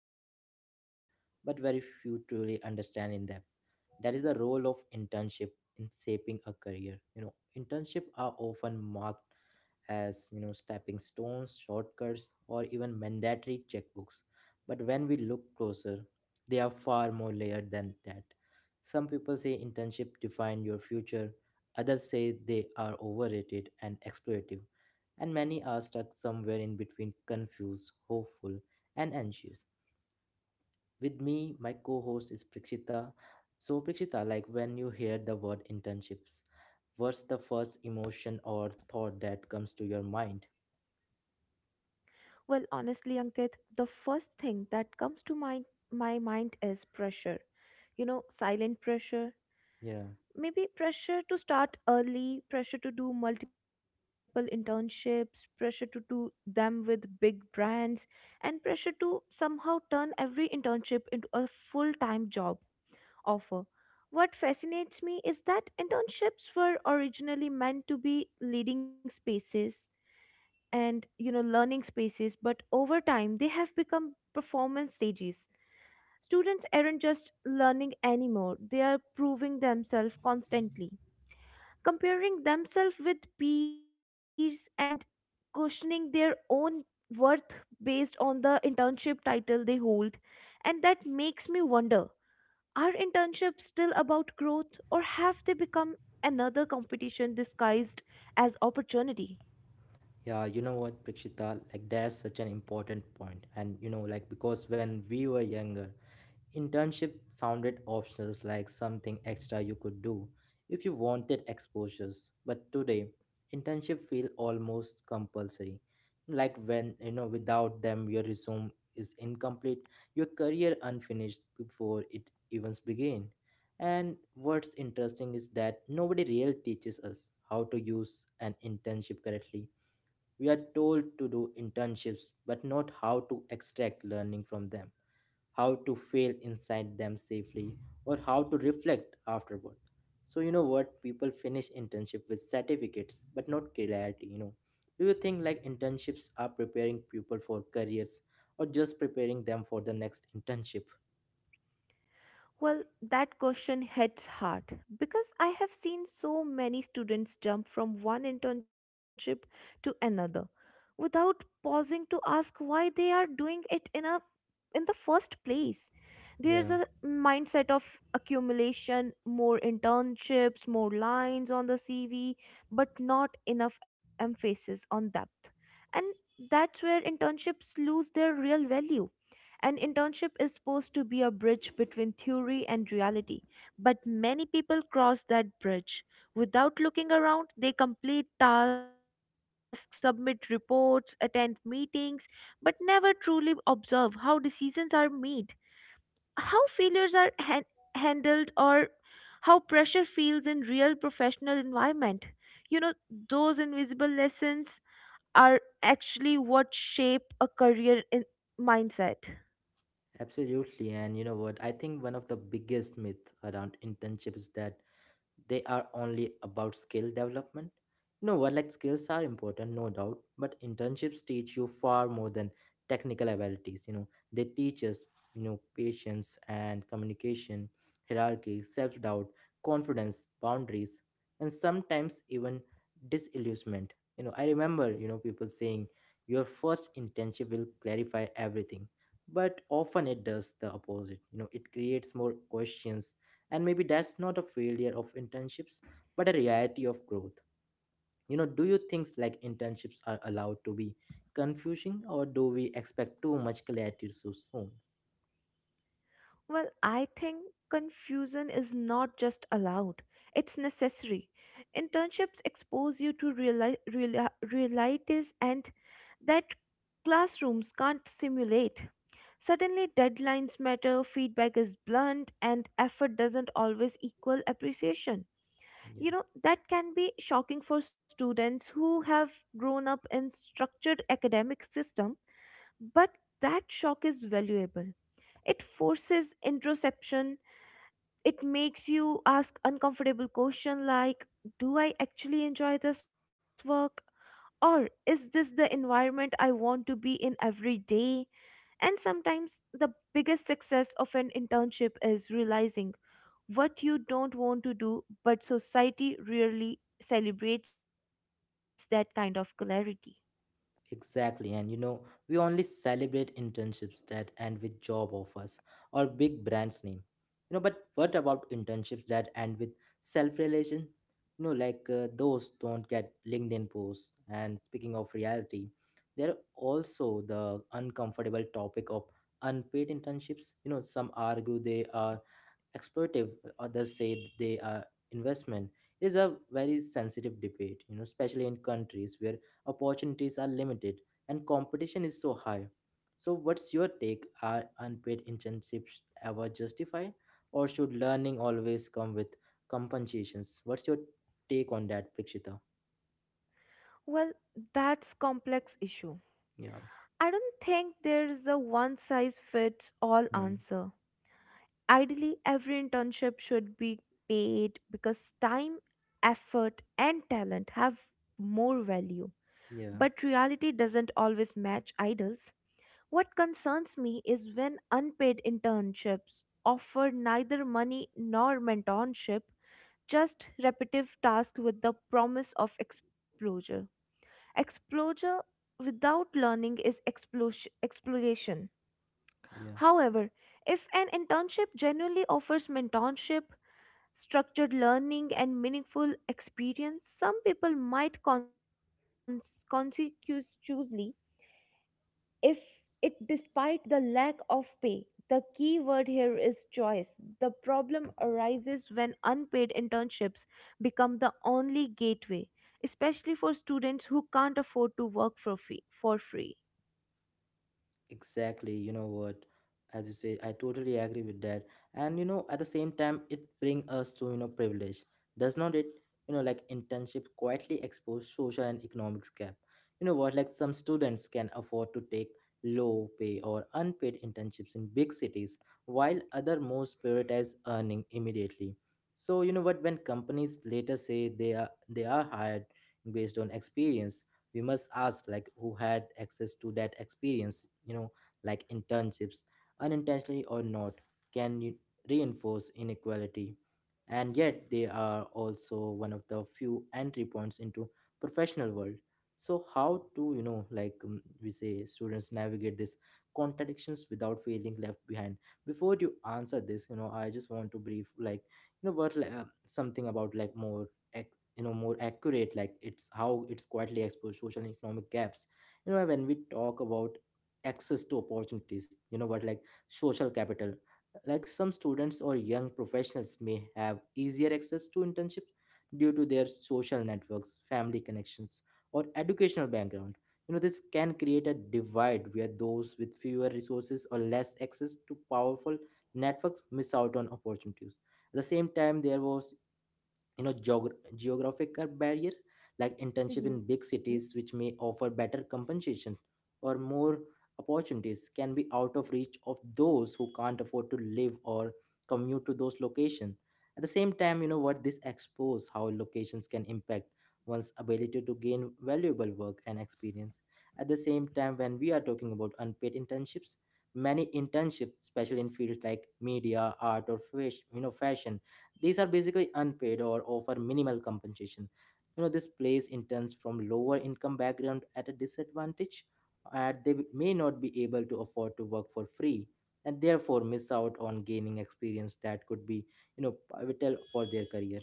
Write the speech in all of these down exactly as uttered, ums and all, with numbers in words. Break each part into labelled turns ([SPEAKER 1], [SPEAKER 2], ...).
[SPEAKER 1] advised to do, but very few truly understand in depth. That is the role of internship in shaping a career. You know, internship are often marked as you know stepping stones, shortcuts, or even mandatory checkbooks. But when we look closer, they are far more layered than that. Some people say internship define your future. Others say they are overrated and exploitative, and many are stuck somewhere in between, confused, hopeful, and anxious. With me, my co host is Prakshita. So, Prakshita, like when you hear the word internships, what's the first emotion or thought that comes to your mind?
[SPEAKER 2] Well, honestly, Ankit, the first thing that comes to my, my mind is pressure. You know, silent pressure.
[SPEAKER 1] Yeah.
[SPEAKER 2] Maybe pressure to start early, pressure to do multiple internships, pressure to do them with big brands, and pressure to somehow turn every internship into a full time job offer. What fascinates me is that internships were originally meant to be leading spaces and you know learning spaces, but over time they have become performance stages. Students aren't just learning anymore, they are proving themselves constantly, comparing themselves with peers and questioning their own worth based on the internship title they hold. And that makes me wonder, are internships still about growth, or have they become another competition disguised as opportunity?
[SPEAKER 1] Yeah, you know what, Prakshita, like that's such an important point. And you know, like because when we were younger, internship sounded optional, like something extra you could do if you wanted exposures. But today, internship feel almost compulsory. Like when you know without them your resume is incomplete, your career unfinished before it even begin. And what's interesting is that nobody really teaches us how to use an internship correctly. We are told to do internships, but not how to extract learning from them, how to fail inside them safely, or how to reflect afterward. So, you know what? People finish internship with certificates, but not clarity, you know. Do you think like internships are preparing people for careers or just preparing them for the next internship?
[SPEAKER 2] Well, that question hits hard because I have seen so many students jump from one internship to another without pausing to ask why they are doing it in a in the first place. There's
[SPEAKER 1] Yeah,
[SPEAKER 2] a mindset of accumulation, more internships, more lines on the C V, but not enough emphasis on depth. And that's where internships lose their real value. An internship is supposed to be a bridge between theory and reality, but many people cross that bridge without looking around. They complete tasks, submit reports, attend meetings, but never truly observe how decisions are made, how failures are han- handled, or how pressure feels in real professional environment. You know, those invisible lessons are actually what shape a career in mindset.
[SPEAKER 1] absolutely. And you know what? I think one of the biggest myth around internships is that they are only about skill development. No, what like skills are important, no doubt, but internships teach you far more than technical abilities. You know, they teach us, you know, patience and communication, hierarchy, self doubt, confidence, boundaries, and sometimes even disillusionment. You know, I remember, you know, people saying your first internship will clarify everything, but often it does the opposite. You know, it creates more questions, and maybe that's not a failure of internships, but a reality of growth. You know, do you think like internships are allowed to be confusing, or do we expect too much clarity so soon?
[SPEAKER 2] Well, I think confusion is not just allowed, it's necessary. Internships expose you to reali- reali- realities and that classrooms can't simulate. Suddenly, deadlines matter, feedback is blunt, and effort doesn't always equal appreciation. You know, that can be shocking for students who have grown up in structured academic system, but that shock is valuable. It forces introspection. It makes you ask uncomfortable question like, do I actually enjoy this work, or is this the environment I want to be in every day? And sometimes the biggest success of an internship is realizing what you don't want to do, but society rarely celebrates that kind of clarity.
[SPEAKER 1] Exactly, and you know, we only celebrate internships that end with job offers or big brands name. You know, but what about internships that end with self-relation? You know, like uh, those don't get LinkedIn posts. And speaking of reality, there are also the uncomfortable topic of unpaid internships. You know, some argue they are exploitative, others say they are investment. It is a very sensitive debate, you know especially in countries where opportunities are limited and competition is so high. So what's your take, are unpaid internships ever justified, or should learning always come with compensations? What's your take on that, Prakshita?
[SPEAKER 2] Well, that's complex issue.
[SPEAKER 1] Yeah.
[SPEAKER 2] I don't think there's a one size fits all
[SPEAKER 1] Hmm.
[SPEAKER 2] answer. Ideally, every internship should be paid because time, effort, and talent have more value. But
[SPEAKER 1] Yeah.
[SPEAKER 2] reality doesn't always match ideals. What concerns me is when unpaid internships offer neither money nor mentorship, just repetitive tasks with the promise of exposure. Exposure without learning is explos- exploration.
[SPEAKER 1] Yeah.
[SPEAKER 2] However, if an internship genuinely offers mentorship, structured learning and meaningful experience, some people might cons- conscientiously if it despite the lack of pay. The key word here is choice. The problem arises when unpaid internships become the only gateway, especially for students who can't afford to work for free for free.
[SPEAKER 1] Exactly, you know what? As you say, I totally agree with that. And you know, at the same time, it bring us to you know privilege, does not it? You know, like internship quietly expose social and economics gap. You know what? Like some students can afford to take low pay or unpaid internships in big cities, while other most prioritize earning immediately. So you know what? When companies later say they are they are hired based on experience, we must ask like who had access to that experience you know like internships, unintentionally or not, can you reinforce inequality. And yet they are also one of the few entry points into professional world. So how to you know like um, we say students navigate these contradictions without feeling left behind? Before you answer this, you know I just want to brief like you know what like, uh, something about like more, you know more accurate, like it's how it's quietly exposed social and economic gaps. you know when we talk about access to opportunities, you know what like social capital, like some students or young professionals may have easier access to internships due to their social networks, family connections, or educational background. you know this can create a divide where those with fewer resources or less access to powerful networks miss out on opportunities. At the same time, there was, you know geog- geographic barrier, like internship in
[SPEAKER 2] Hmm.
[SPEAKER 1] big cities which may offer better compensation or more opportunities, can be out of reach of those who can't afford to live or commute to those locations. At the same time, you know what this expose how locations can impact one's ability to gain valuable work and experience. At the same time, when we are talking about unpaid internships, many internships, especially in fields like media, art, or fashion, you know fashion these are basically unpaid or offer minimal compensation. You know, this place interns from lower income background at a disadvantage, and they may not be able to afford to work for free, and therefore miss out on gaining experience that could be, you know, pivotal for their career.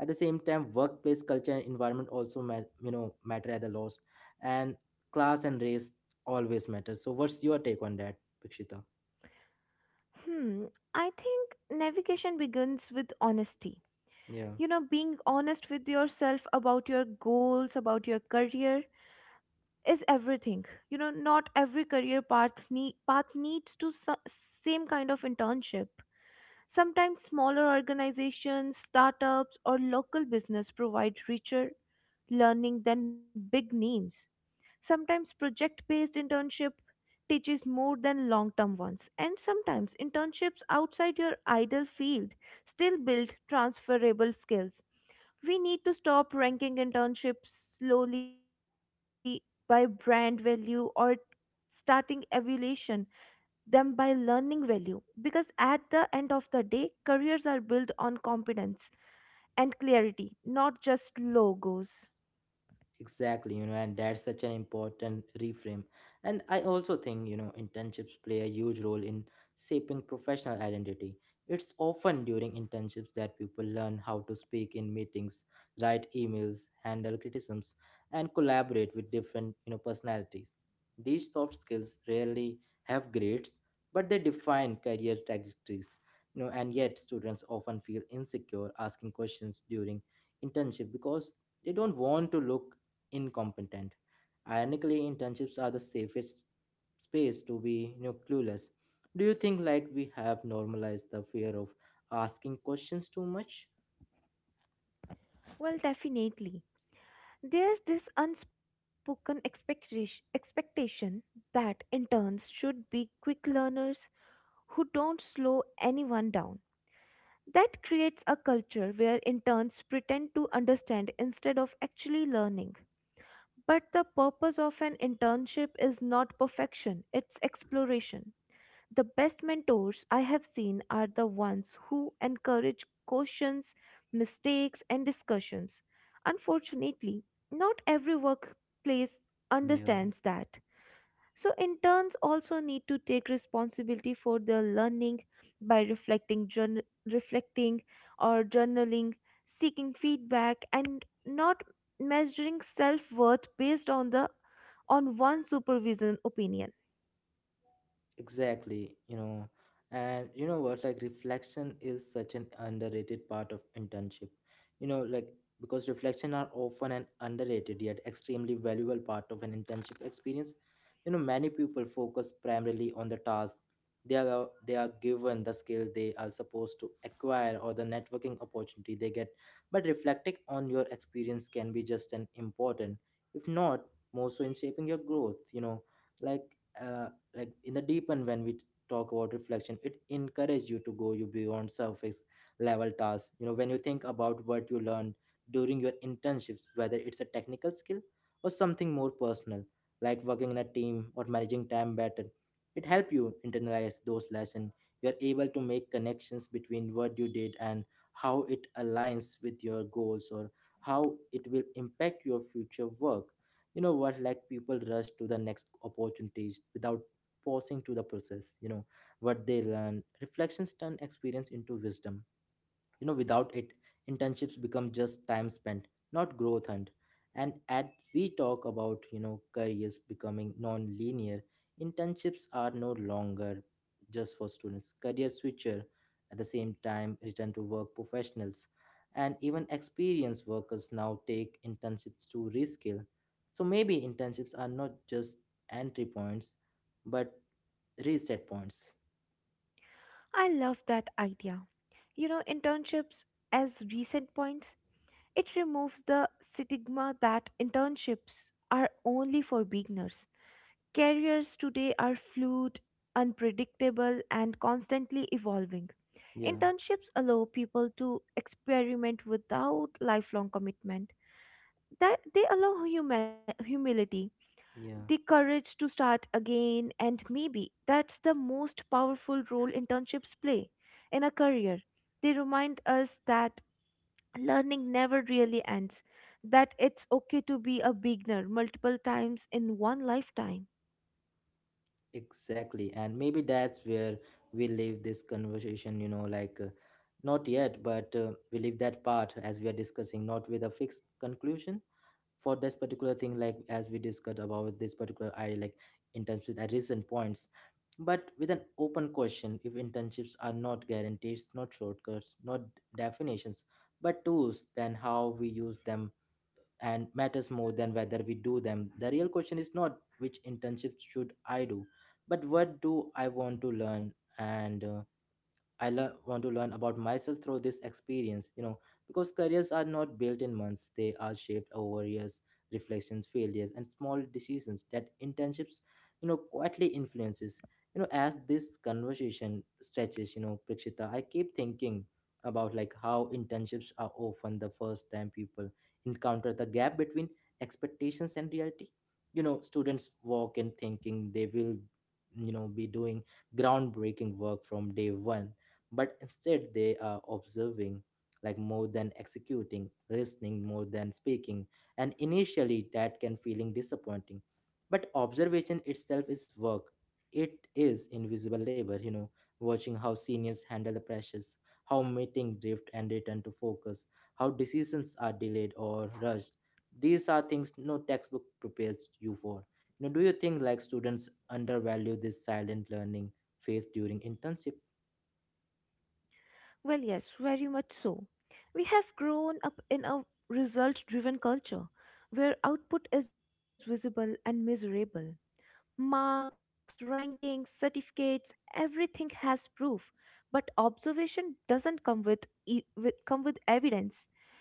[SPEAKER 1] At the same time, workplace culture and environment also, ma- you know, matter at the loss, and class and race always matter. So, what's your take on that, Pikshita?
[SPEAKER 2] Hmm, I think navigation begins with honesty.
[SPEAKER 1] Yeah.
[SPEAKER 2] You know, being honest with yourself about your goals, about your career, is everything. You know, not every career path nee- path needs to su- same kind of internship. Sometimes smaller organizations, startups or local business provide richer learning than big names. Sometimes project based internship teaches more than long term ones, and sometimes internships outside your ideal field still build transferable skills. We need to stop ranking internships slowly by brand value, or starting evaluation them by learning value, because at the end of the day careers are built on competence and clarity, not just logos.
[SPEAKER 1] Exactly, you know, and that's such an important reframe. And I also think, you know, internships play a huge role in shaping professional identity. It's often during internships that people learn how to speak in meetings, write emails, handle criticisms, and collaborate with different, you know, personalities. These soft skills rarely have grades, but they define career trajectories. You know, and yet students often feel insecure asking questions during internship because they don't want to look incompetent. Ironically, internships are the safest space to be, you know, clueless. Do you think like we have normalized the fear of asking questions too much?
[SPEAKER 2] Well, definitely. There's this unspoken expectation expectation that interns should be quick learners who don't slow anyone down. That creates a culture where interns pretend to understand instead of actually learning. But the purpose of an internship is not perfection, it's exploration. The best mentors I have seen are the ones who encourage questions, mistakes, and discussions. Unfortunately, not every workplace
[SPEAKER 1] Yeah.
[SPEAKER 2] understands that. So, interns also need to take responsibility for their learning by reflecting, journ- reflecting or journaling, seeking feedback, and not measuring self worth based on the on one supervision opinion.
[SPEAKER 1] Exactly, you know, and you know what, like reflection is such an underrated part of internship. You know, like because reflection are often an underrated yet extremely valuable part of an internship experience. You know, many people focus primarily on the task they are they are given, the skill they are supposed to acquire, or the networking opportunity they get. But reflecting on your experience can be just an important, if not more so, in shaping your growth. You know, like. uh like in the deep end, when we talk about reflection, it encourages you to go you beyond surface level tasks. you know when you think about what you learned during your internships, whether it's a technical skill or something more personal, like working in a team or managing time better, it helps you internalize those lessons. You're able to make connections between what you did and how it aligns with your goals, or how it will impact your future work. You know what like people rush to the next opportunities without pausing to the process, you know what they learn. Reflections turn experience into wisdom. you know, without it, internships become just time spent, not growth hunt. And as we talk about, you know, careers becoming non-linear, internships are no longer just for students. Career switcher, at the same time, return to work professionals, and even experienced workers now take internships to reskill. So maybe internships are not just entry points, but reset points.
[SPEAKER 2] I love that idea. You know, internships as recent points, it removes the stigma that internships are only for beginners. Careers today are fluid, unpredictable, and constantly evolving.
[SPEAKER 1] Yeah,
[SPEAKER 2] Internships allow people to experiment without lifelong commitment. That they allow huma- humility, the
[SPEAKER 1] yeah.
[SPEAKER 2] courage to start again, and maybe that's the most powerful role internships play in a career. They remind us that learning never really ends, that it's okay to be a beginner multiple times in one lifetime.
[SPEAKER 1] Exactly. And maybe that's where we leave this conversation, you know, like uh, not yet, but uh, we leave that part as we are discussing, not with a fixed conclusion for this particular thing, like as we discussed about this particular I like internships at recent points, but with an open question. If internships are not guarantees, not shortcuts, not definitions, but tools, then how we use them and matters more than whether we do them. The real question is not which internship should I do, but what do I want to learn, and uh, I lear- want to learn about myself through this experience. you know, because careers are not built in months, they are shaped over years, reflections, failures, and small decisions that internships, you know, quietly influences. You know, as this conversation stretches, you know, Prakshita, I keep thinking about like how internships are often the first time people encounter the gap between expectations and reality. You know, students walk in thinking they will, you know, be doing groundbreaking work from day one, but instead they are observing like more than executing, listening more than speaking. And initially that can feeling disappointing, but observation itself is work. It is invisible labor. you know watching how seniors handle the pressures, how meeting drift and return to focus, how decisions are delayed or rushed, these are things no textbook prepares you for. you know do you think like students undervalue this silent learning phase during internship?
[SPEAKER 2] Well, yes, very much so. We have grown up in a result driven culture where output is visible and measurable. Marks, rankings, certificates, everything has proof, but observation doesn't come with, e- with come with evidence.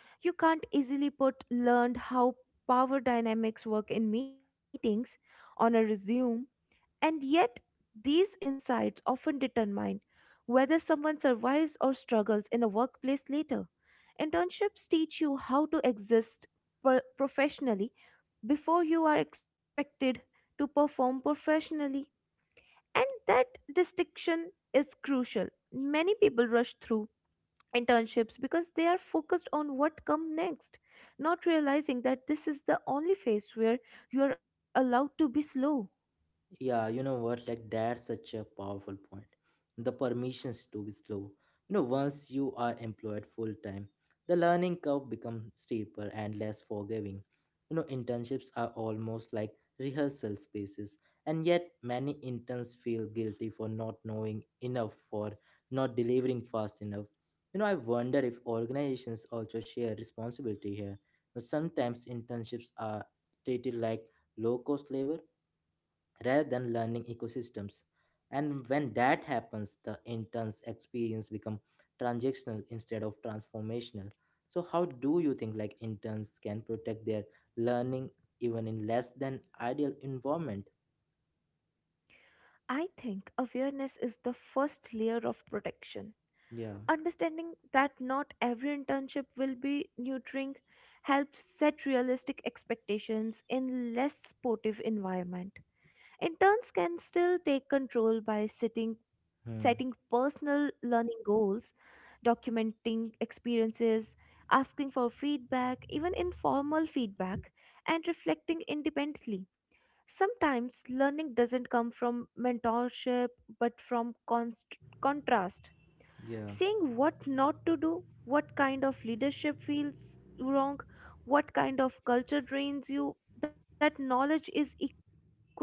[SPEAKER 2] You can't easily put learned how power dynamics work in meetings on a resume, and yet these insights often determine whether someone survives or struggles in a workplace later. Internships teach you how to exist pro- professionally before you are expected to perform professionally, and that distinction is crucial. Many people rush through internships because they are focused on what come next, not realizing that this is the only phase where you are allowed to be slow.
[SPEAKER 1] Yeah, you know what? Like that's such a powerful point. The permissions to be slow. You know, once you are employed full time, the learning curve becomes steeper and less forgiving. You know, internships are almost like rehearsal spaces, and yet many interns feel guilty for not knowing enough, for not delivering fast enough. You know, I wonder if organizations also share responsibility here. But sometimes internships are treated like low cost labor rather than learning ecosystems. And when that happens, the intern's experience become transactional instead of transformational. So how do you think like interns can protect their learning even in less than ideal environment?
[SPEAKER 2] I think awareness is the first layer of protection.
[SPEAKER 1] Yeah.
[SPEAKER 2] Understanding that not every internship will be nurturing helps set realistic expectations. In less supportive environment, interns can still take control by setting setting
[SPEAKER 1] Hmm.
[SPEAKER 2] personal learning goals, documenting experiences, asking for feedback, even informal feedback, and reflecting independently. Sometimes learning doesn't come from mentorship but from const- contrast,
[SPEAKER 1] Yeah.
[SPEAKER 2] saying what not to do, what kind of leadership feels wrong, what kind of culture drains you. That knowledge is equally valuable.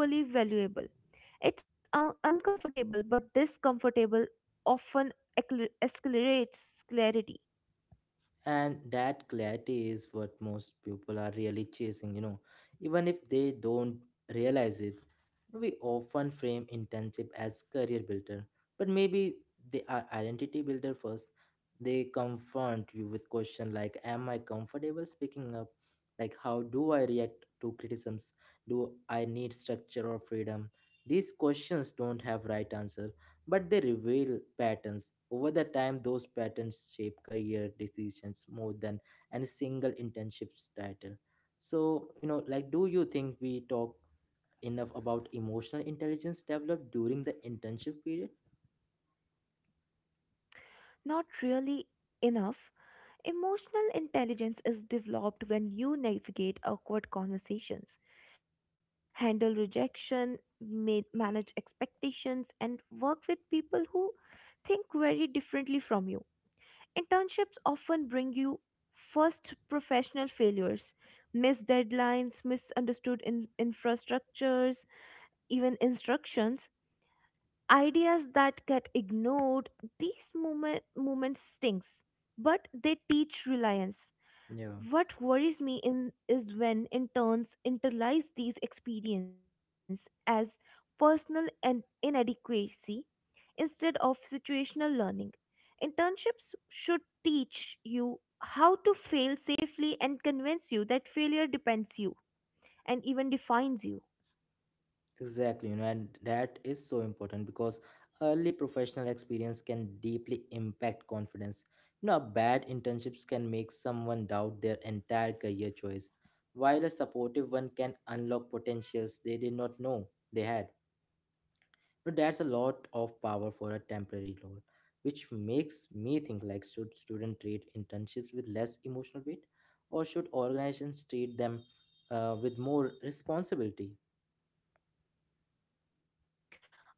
[SPEAKER 2] It's un- uncomfortable, but this comfortable often acceler- accelerates clarity.
[SPEAKER 1] And that clarity is what most people are really chasing, you know, even if they don't realize it. We often frame internship as career builder, but maybe they are identity builder first. They confront you with questions like am I comfortable speaking up? Like how do I react to criticisms? Do I need structure or freedom? These questions don't have right answer but they reveal patterns. Over the time, those patterns shape career decisions more than any single internship's title. So, you know, like, do you think we talk enough about emotional intelligence developed during the internship period?
[SPEAKER 2] Not really enough. Emotional intelligence is developed when you navigate awkward conversations, handle rejection, ma- manage expectations, and work with people who think very differently from you. Internships often bring you first professional failures, missed deadlines, misunderstood in- infrastructures, even instructions, ideas that get ignored. These moment moments stings, but they teach reliance.
[SPEAKER 1] Yeah.
[SPEAKER 2] What worries me in is when interns internalize these experience as personal and inadequacy instead of situational learning. Internships should teach you how to fail safely and convince you that failure depends you and even defines you.
[SPEAKER 1] Exactly, you know, and that is so important because early professional experience can deeply impact confidence. You know, bad internships can make someone doubt their entire career choice, while a supportive one can unlock potentials they did not know they had. You know, that's a lot of power for a temporary role, which makes me think like should students treat internships with less emotional weight, or should organizations treat them uh, with more responsibility?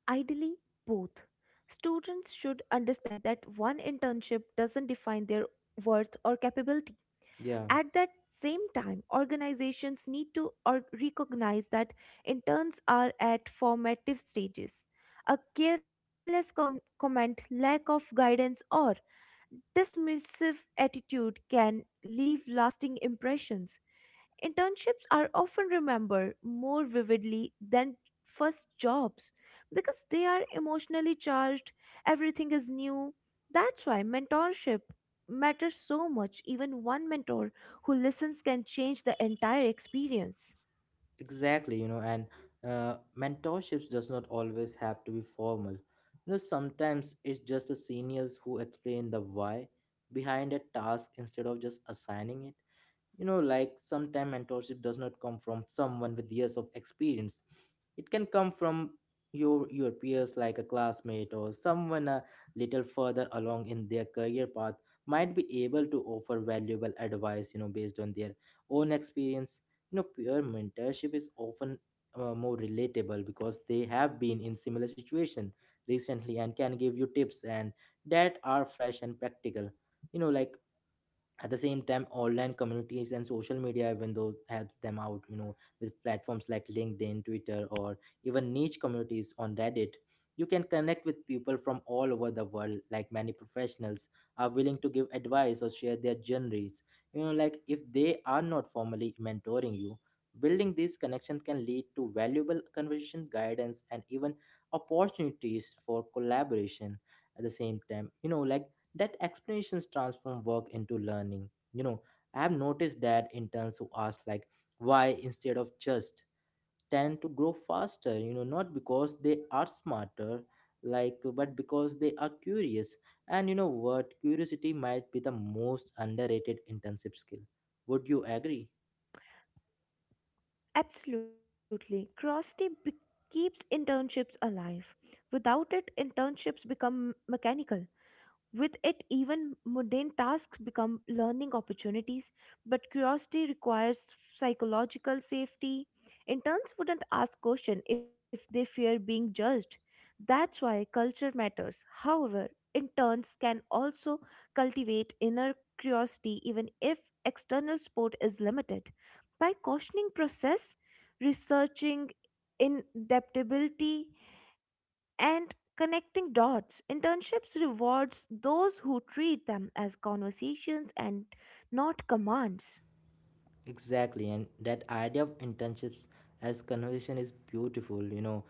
[SPEAKER 2] Ideally, both. Students should understand that one internship doesn't define their worth or capability.
[SPEAKER 1] Yeah.
[SPEAKER 2] At that same time, organizations need to or- recognize that interns are at formative stages. A careless con- comment, lack of guidance, or dismissive attitude can leave lasting impressions. Internships are often remembered more vividly than first jobs because they are emotionally charged, everything is new. That's why mentorship matters so much. Even one mentor who listens can change the entire experience.
[SPEAKER 1] Exactly, you know, and uh, mentorships does not always have to be formal. You know, sometimes it's just the seniors who explain the why behind a task instead of just assigning it. You know like sometimes mentorship does not come from someone with years of experience. It can come from your your peers, like a classmate or someone a little further along in their career path might be able to offer valuable advice, you know based on their own experience. You know peer mentorship is often uh, more relatable because they have been in similar situation recently and can give you tips and that are fresh and practical. you know like at the same time, online communities and social media even though help them out, you know with platforms like LinkedIn, Twitter, or even niche communities on Reddit, you can connect with people from all over the world. Like many professionals are willing to give advice or share their journeys. You know like if they are not formally mentoring you, building these connections can lead to valuable conversation guidance and even opportunities for collaboration. At the same time, you know like that explanations transform work into learning. you know I have noticed that interns who ask like why instead of just tend to grow faster, you know not because they are smarter, like, but because they are curious. And you know what? Curiosity might be the most underrated internship skill. Would you agree?
[SPEAKER 2] Absolutely. Cross be- keeps internships alive. Without it, internships become mechanical. With it, even mundane tasks become learning opportunities, but curiosity requires psychological safety. Interns wouldn't ask questions if they fear being judged. That's why culture matters. However, interns can also cultivate inner curiosity even if external support is limited. By cautioning process, researching inadaptability, and connecting dots, internships rewards those who treat them as conversations and not commands.
[SPEAKER 1] Exactly, and that idea of internships as conversation is beautiful, you know,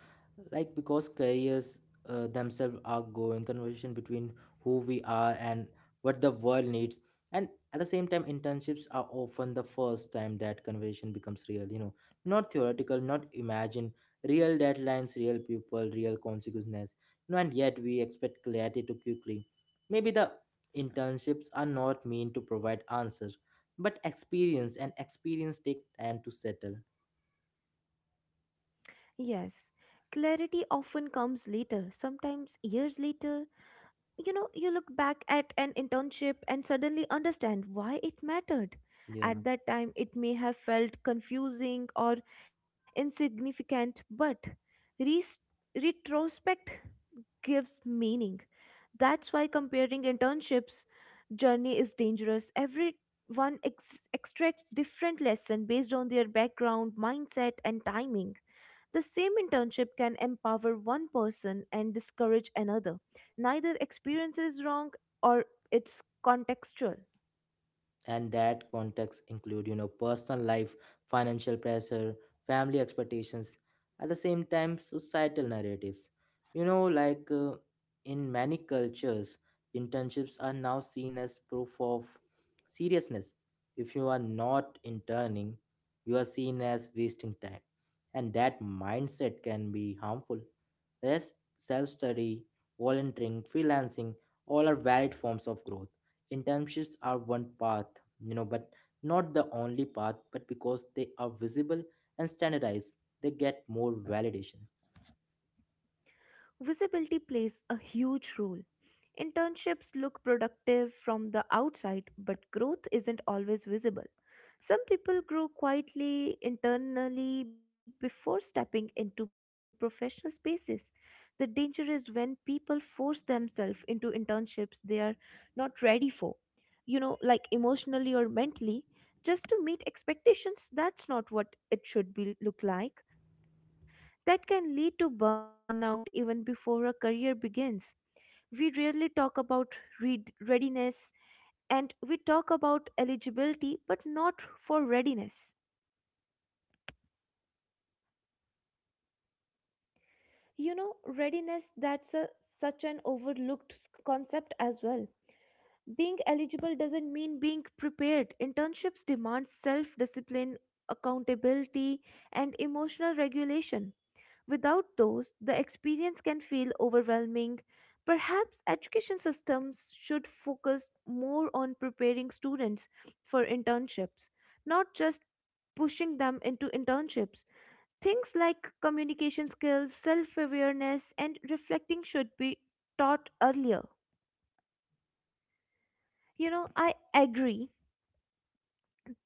[SPEAKER 1] like because careers uh, themselves are going conversation between who we are and what the world needs. And at the same time, internships are often the first time that conversation becomes real, you know, not theoretical, not imagined, real deadlines, real people, real consequences, you know, and yet we expect clarity too quickly. Maybe the internships are not meant to provide answers but experience, and experience take time to settle.
[SPEAKER 2] Yes, clarity often comes later, sometimes years later. You know, you look back at an internship and suddenly understand why it mattered.
[SPEAKER 1] Yeah,
[SPEAKER 2] At that time it may have felt confusing or insignificant, but res- retrospect gives meaning. That's why comparing internships journey is dangerous. Everyone ex- extracts different lesson based on their background, mindset and timing. The same internship can empower one person and discourage another. Neither experience is wrong, or it's contextual.
[SPEAKER 1] and that context include, you know personal life, financial pressure, family expectations, at the same time societal narratives. you know like uh, in many cultures, internships are now seen as proof of seriousness. If you are not interning, you are seen as wasting time, and that mindset can be harmful. Thus self-study, volunteering, freelancing, all are valid forms of growth. Internships are one path, you know, but not the only path, but because they are visible and standardized, they get more validation.
[SPEAKER 2] Visibility plays a huge role. Internships look productive from the outside, but growth isn't always visible. Some people grow quietly internally before stepping into professional spaces. The danger is when people force themselves into internships they are not ready for, you know, like emotionally or mentally, just to meet expectations. That's not what it should be look like. That can lead to burnout even before a career begins. We rarely talk about read readiness. And we talk about eligibility but not for readiness. You know, readiness, that's a such an overlooked s- concept as well. Being eligible doesn't mean being prepared. Internships demand self discipline, accountability, and emotional regulation. Without those, the experience can feel overwhelming. Perhaps education systems should focus more on preparing students for internships, not just pushing them into internships. Things like communication skills, self awareness, and reflecting should be taught earlier. You know, I agree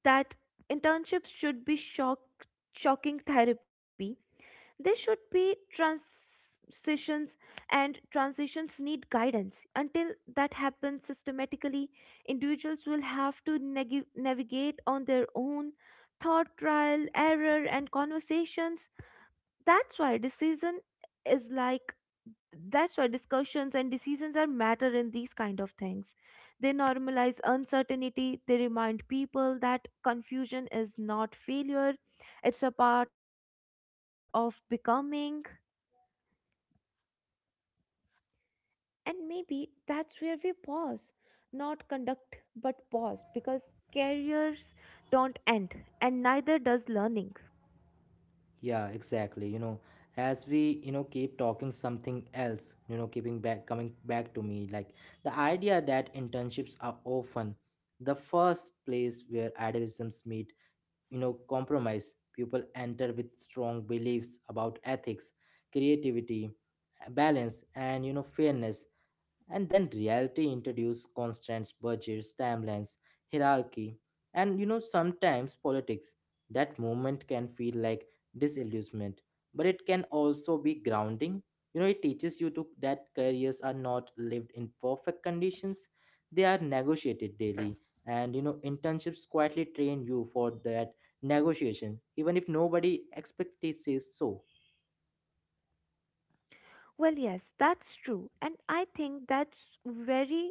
[SPEAKER 2] that internships should be shock shocking therapy. They should be transitions, and transitions need guidance. Until that happens systematically, individuals will have to neg- navigate on their own thought trial, error, and conversations. that's why decision is like that's why discussions and decisions are matter in these kind of things. They normalize uncertainty. They remind people that confusion is not failure, it's a part of becoming. And maybe that's where we pause, not conduct, but pause, because careers don't end, and neither does learning.
[SPEAKER 1] Yeah, exactly. You know, as we, you know, Keep talking something else, you know, keeping back coming back to me, like the idea that internships are often the first place where idealisms meet, you know compromise. People enter with strong beliefs about ethics, creativity, balance, and you know fairness. And then reality introduces constraints, budgets, timelines, hierarchy, and you know sometimes politics. That moment can feel like disillusionment, but it can also be grounding. You know it teaches you to that careers are not lived in perfect conditions, they are negotiated daily. And you know internships quietly train you for that negotiation, even if nobody expects it says so.
[SPEAKER 2] Well, yes, that's true, and I think that's very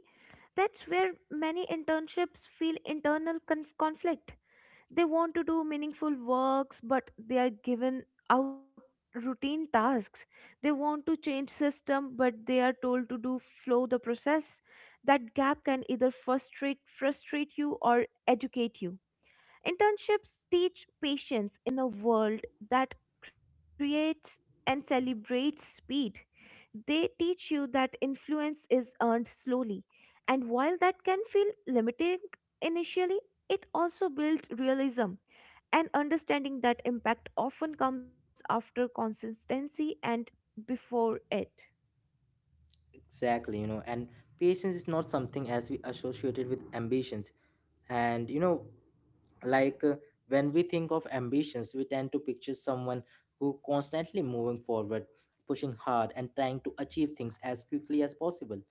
[SPEAKER 2] that's where many internships feel internal conf- conflict They want to do meaningful works, but they are given out routine tasks. They want to change system, but they are told to do flow the process. That gap can either frustrate frustrate you or educate you. Internships teach patience in a world that creates and celebrates speed. They teach you that influence is earned slowly, and while that can feel limiting initially, it also builds realism and understanding that impact often comes after consistency and before it.
[SPEAKER 1] Exactly, you know, and patience is not something as we associated with ambitions. And you know, like uh, when we think of ambitions, we tend to picture someone who constantly moving forward, pushing hard, and trying to achieve things as quickly as possible.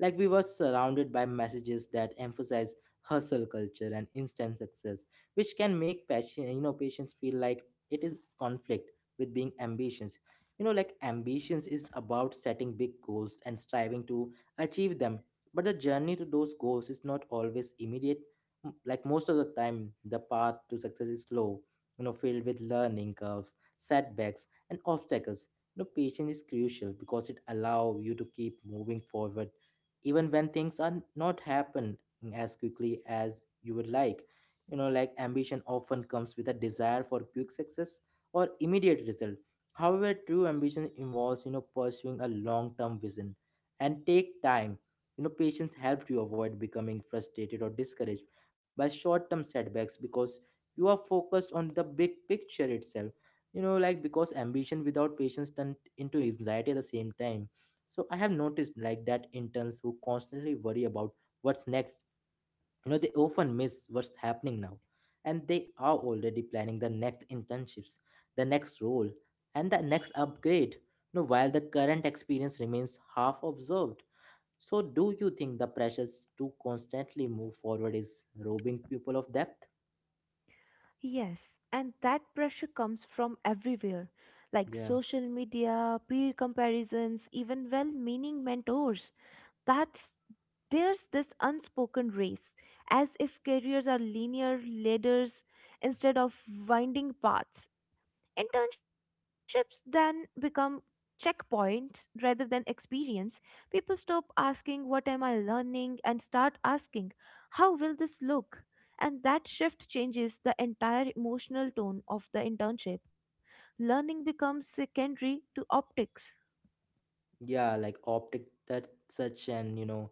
[SPEAKER 1] Like we were surrounded by messages that emphasize hustle culture and instant success, which can make passion, you know, patients feel like it is conflict with being ambitious. You know, like ambitions is about setting big goals and striving to achieve them. But the journey to those goals is not always immediate. M- Like most of the time, the path to success is slow, you know, filled with learning curves, setbacks, and obstacles. You know, patience is crucial because it allows you to keep moving forward even when things are not happening as quickly as you would like. You know like ambition often comes with a desire for quick success or immediate result. However, true ambition involves, you know pursuing a long term vision and take time. You know patience helps you avoid becoming frustrated or discouraged by short term setbacks because you are focused on the big picture itself. You know like because ambition without patience turns into anxiety at the same time. So I have noticed like that interns who constantly worry about what's next. You know, they often miss what's happening now. And they are already planning the next internships, the next role, and the next upgrade. You know, while the current experience remains half observed. So do you think the pressures to constantly move forward is robbing people of depth?
[SPEAKER 2] Yes, and that pressure comes from everywhere, like
[SPEAKER 1] Yeah.
[SPEAKER 2] social media, peer comparisons, even well meaning mentors. That's There's this unspoken race, as if careers are linear ladders instead of winding paths. Internships then become checkpoints rather than experience. People stop asking what am I learning and start asking how will this look, and that shift changes the entire emotional tone of the internship. Learning becomes secondary to optics.
[SPEAKER 1] Yeah, like optic, that such an, you know,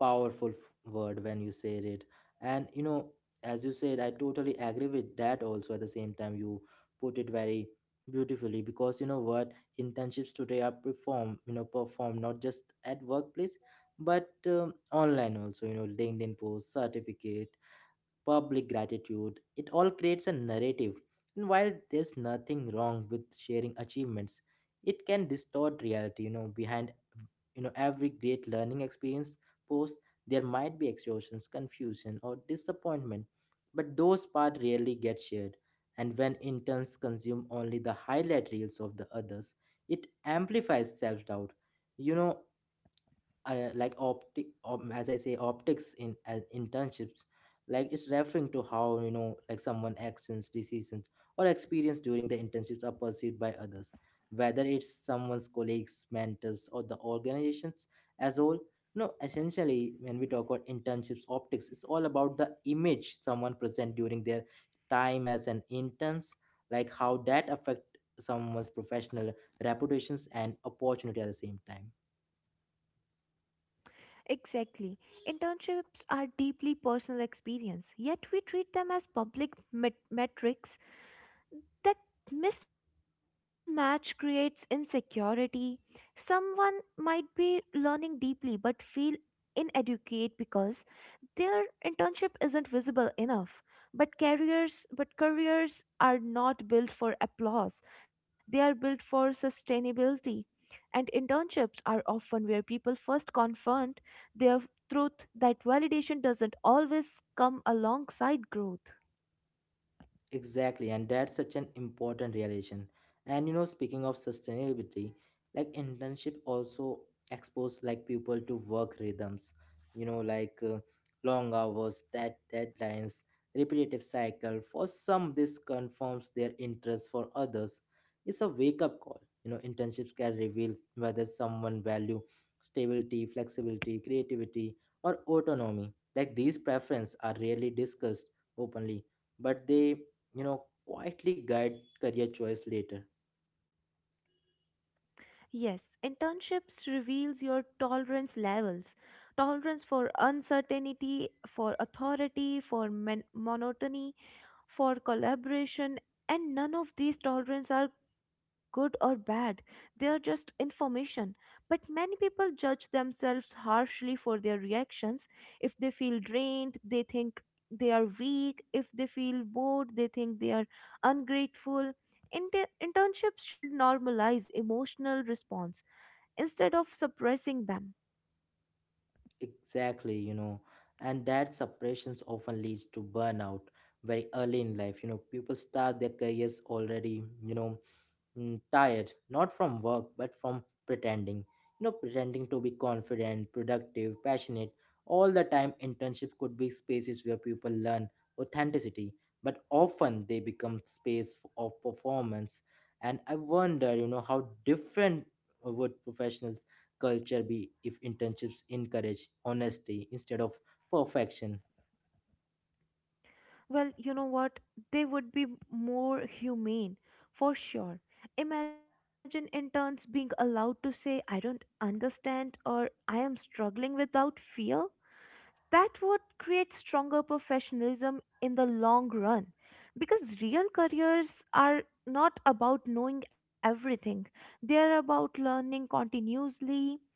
[SPEAKER 1] powerful f- word when you said it. And you know as you said I totally agree with that also. At the same time, you put it very beautifully, because you know what? Internships today are perform, you know perform, not just at workplace, but um, online also. you know LinkedIn posts, certificate, public gratitude. It all creates a narrative. And while there's nothing wrong with sharing achievements, it can distort reality. You know, behind you know every great learning experience post, there might be exhaustions, confusion, or disappointment. But those part rarely get shared. And when interns consume only the highlight reels of the others, it amplifies self doubt. You know, uh, like opti- op- as I say, optics in as internships, like it's referring to how, you know, like someone actions, decisions, or experience during the internships are perceived by others, whether it's someone's colleagues, mentors, or the organizations as whole. No, essentially, when we talk about internships, optics, it's all about the image someone present during their time as an interns, like how that affect someone's professional reputations and opportunity at the same time.
[SPEAKER 2] Exactly. Internships are deeply personal experience, yet we treat them as public met- metrics. That mismatch creates insecurity. Someone might be learning deeply but feel inadequate because their internship isn't visible enough, but careers but careers are not built for applause. They are built for sustainability. And internships are often where people first confront their truth, that validation doesn't always come alongside growth.
[SPEAKER 1] Exactly, and that's such an important realization. And you know, speaking of sustainability, like internship also expose like people to work rhythms. You know, like uh, Long hours, dead deadlines, repetitive cycle. For some, this confirms their interest. For others, it's a wake up call. You know, internships can reveal whether someone value stability, flexibility, creativity, or autonomy. Like these preferences are rarely discussed openly, but they, you know quietly guide career choice later.
[SPEAKER 2] Yes, internships reveals your tolerance levels. Tolerance for uncertainty, for authority, for men- monotony, for collaboration. And none of these tolerance are good or bad, they are just information, but many people judge themselves harshly for their reactions. If they feel drained, they think they are weak. If they feel bored, they think they are ungrateful. Inter- internships should normalize emotional response instead of suppressing them.
[SPEAKER 1] Exactly, you know and that separations often leads to burnout very early in life. You know people start their careers already, you know mm, tired, not from work, but from pretending. You know, pretending to be confident, productive, passionate. All the time, internships could be spaces where people learn authenticity, but often they become space f- of performance. And I wonder, you know, how different would professionals' culture be if internships encourage honesty instead of perfection?
[SPEAKER 2] Well, you know what? They would be more humane, for sure. Imagine interns being allowed to say, I don't understand, or I am struggling, without fear. That would create stronger professionalism in the long run, because real careers are not about knowing everything, they are about learning continuously.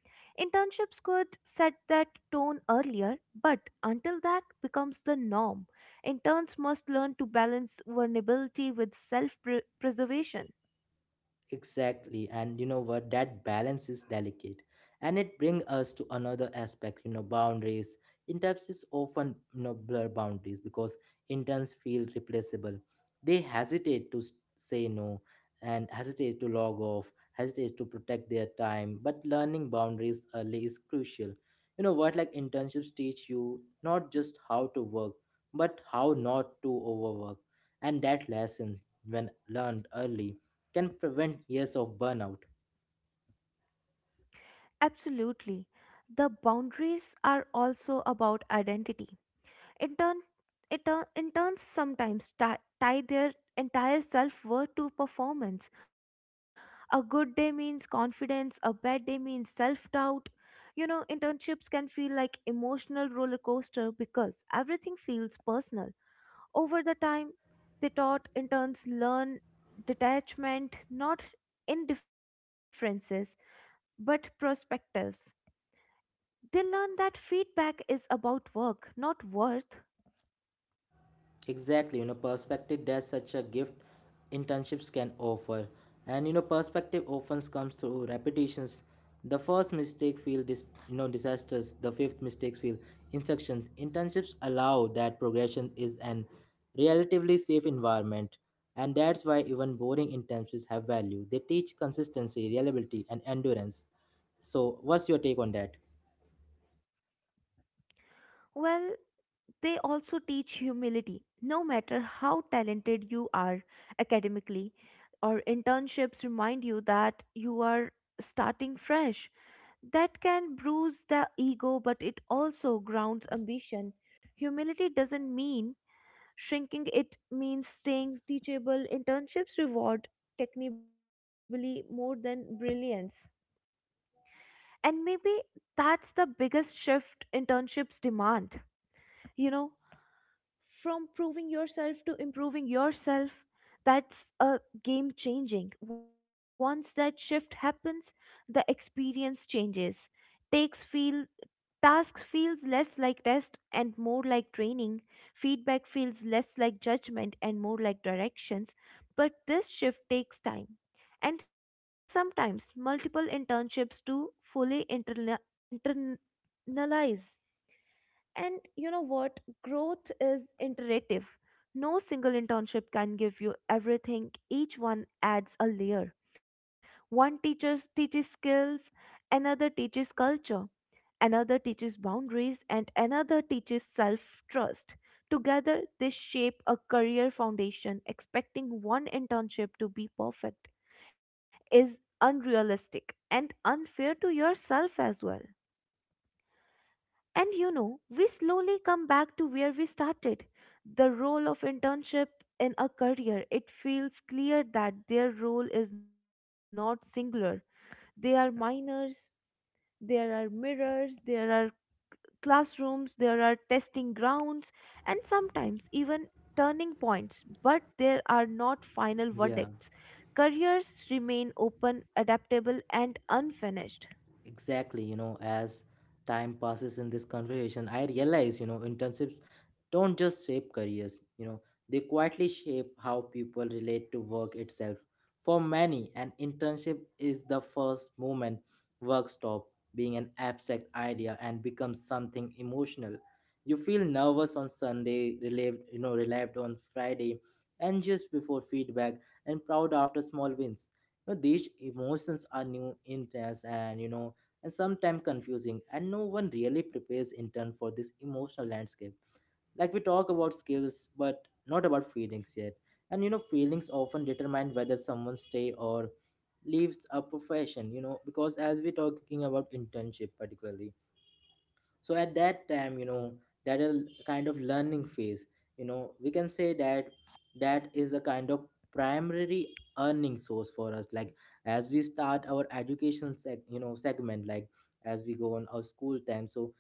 [SPEAKER 2] Internships could set that tone earlier, but until that becomes the norm, interns must learn to balance vulnerability with self preservation.
[SPEAKER 1] Exactly. And you know what? That balance is delicate. And it brings us to another aspect, you know, boundaries. Interns is often, you know, blur boundaries because interns feel replaceable. They hesitate to s- say no and hesitate to log off, hesitate to protect their time. But learning boundaries early is crucial. You know what? Like internships teach you not just how to work, but how not to overwork. And that lesson, when learned early, can prevent years of burnout.
[SPEAKER 2] Absolutely. The boundaries are also about identity. In turn, interns sometimes ti- tie their entire self worth to performance. A good day means confidence, a bad day means self doubt. You know, internships can feel like emotional roller coaster because everything feels personal. Over the time, they taught interns learn detachment, not indifferences, but perspectives. They learn that feedback is about work, not worth.
[SPEAKER 1] Exactly, you know, perspective, that's such a gift internships can offer. And you know, perspective often comes through repetitions. The first mistake feel dis you know disasters, the fifth mistakes feel instructions. Internships allow that progression is an relatively safe environment. And that's why even boring internships have value. They teach consistency, reliability, and endurance. So what's your take on that?
[SPEAKER 2] Well, they also teach humility. No matter how talented you are academically, or internships remind you that you are starting fresh. That can bruise the ego, but it also grounds ambition. Humility doesn't mean shrinking, it means staying teachable. Internships reward technically more than brilliance. And maybe that's the biggest shift internships demand. You know, from proving yourself to improving yourself. That's a game changing. Once that shift happens, the experience changes. Takes feel Tasks feels less like test and more like training. Feedback feels less like judgment and more like directions. But this shift takes time, and sometimes multiple internships to fully interna- internalize And you know what? Growth is iterative. No single internship can give you everything. Each one adds a layer. One teachers teaches skills, another teaches culture, another teaches boundaries, and another teaches self-trust. Together, they shape a career foundation. Expecting one internship to be perfect is unrealistic and unfair to yourself as well. And you know, we slowly come back to where we started. The role of internship in a career. It feels clear that their role is not singular. They are minors, there are mirrors, there are classrooms, there are testing grounds, and sometimes even turning points, but there are not final
[SPEAKER 1] Yeah.
[SPEAKER 2] verdicts. Careers remain open, adaptable, and unfinished.
[SPEAKER 1] Exactly, you know, as time passes in this conversation, I realize, you know, internships don't just shape careers, you know, they quietly shape how people relate to work itself. For many, an internship is the first moment work stop being an abstract idea and becomes something emotional. You feel nervous on Sunday, relieved, you know, relieved on Friday, anxious before feedback, and proud after small wins. You know, these emotions are new, intense, and you know and sometimes confusing, and no one really prepares in turn for this emotional landscape. Like we talk about skills, but not about feelings yet. And you know, feelings often determine whether someone stay or leaves a profession. You know, because as we're talking about internship particularly, so at that time you know that a kind of learning phase you know we can say that that is a kind of primary earning source for us, like as we start our education seg- you know segment, like as we go on our school time, so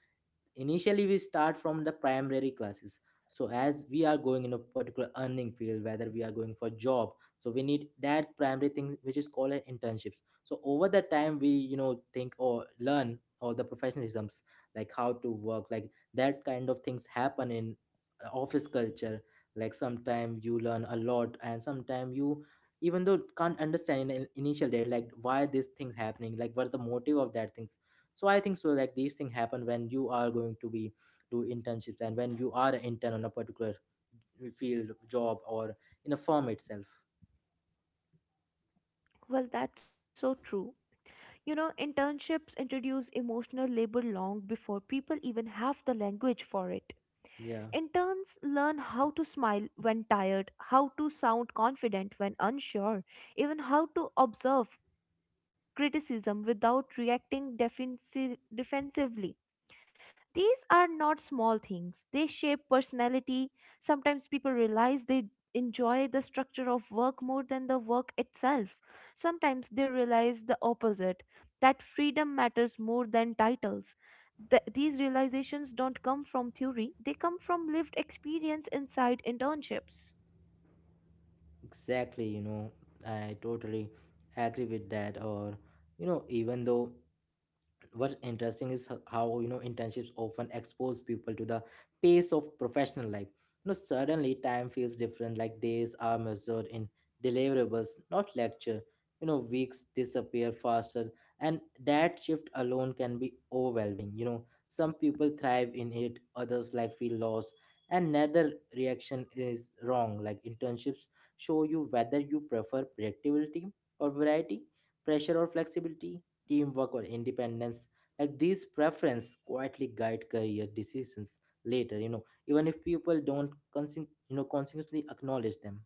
[SPEAKER 1] initially we start from the primary classes, so as we are going in a particular earning field, whether we are going for job, so we need that primary thing which is called an internships, so over the time we you know think or learn all the professionalisms, like how to work, like that kind of things happen in uh, office culture, like sometime you learn a lot and sometime you even though can't understand in in- initial days, like why this thing's happening, like what's the motive of that thing. So I think so, like these things happen when you are going to be do internships and when you are an intern on a particular field job or in a firm itself.
[SPEAKER 2] Well, that's so true. You know, internships introduce emotional labor long before people even have the language for it.
[SPEAKER 1] Yeah,
[SPEAKER 2] Interns learn how to smile when tired, how to sound confident when unsure, even how to observe criticism without reacting defensi- defensively. These are not small things, they shape personality. Sometimes people realize they enjoy the structure of work more than the work itself. Sometimes they realize the opposite, that freedom matters more than titles. Th- these realizations don't come from theory, they come from lived experience inside internships.
[SPEAKER 1] exactly, you know I totally agree with that or you know even though what's interesting is ho- how you know internships often expose people to the pace of professional life. You know, suddenly time feels different, like days are measured in deliverables, not lecture. You know, weeks disappear faster, and that shift alone can be overwhelming. You know, some people thrive in it, others like feel lost, and neither reaction is wrong. Like internships show you whether you prefer predictability or variety, pressure or flexibility, teamwork or independence. Like these preferences quietly guide career decisions later, you know even if people don't consci- you know consciously acknowledge them.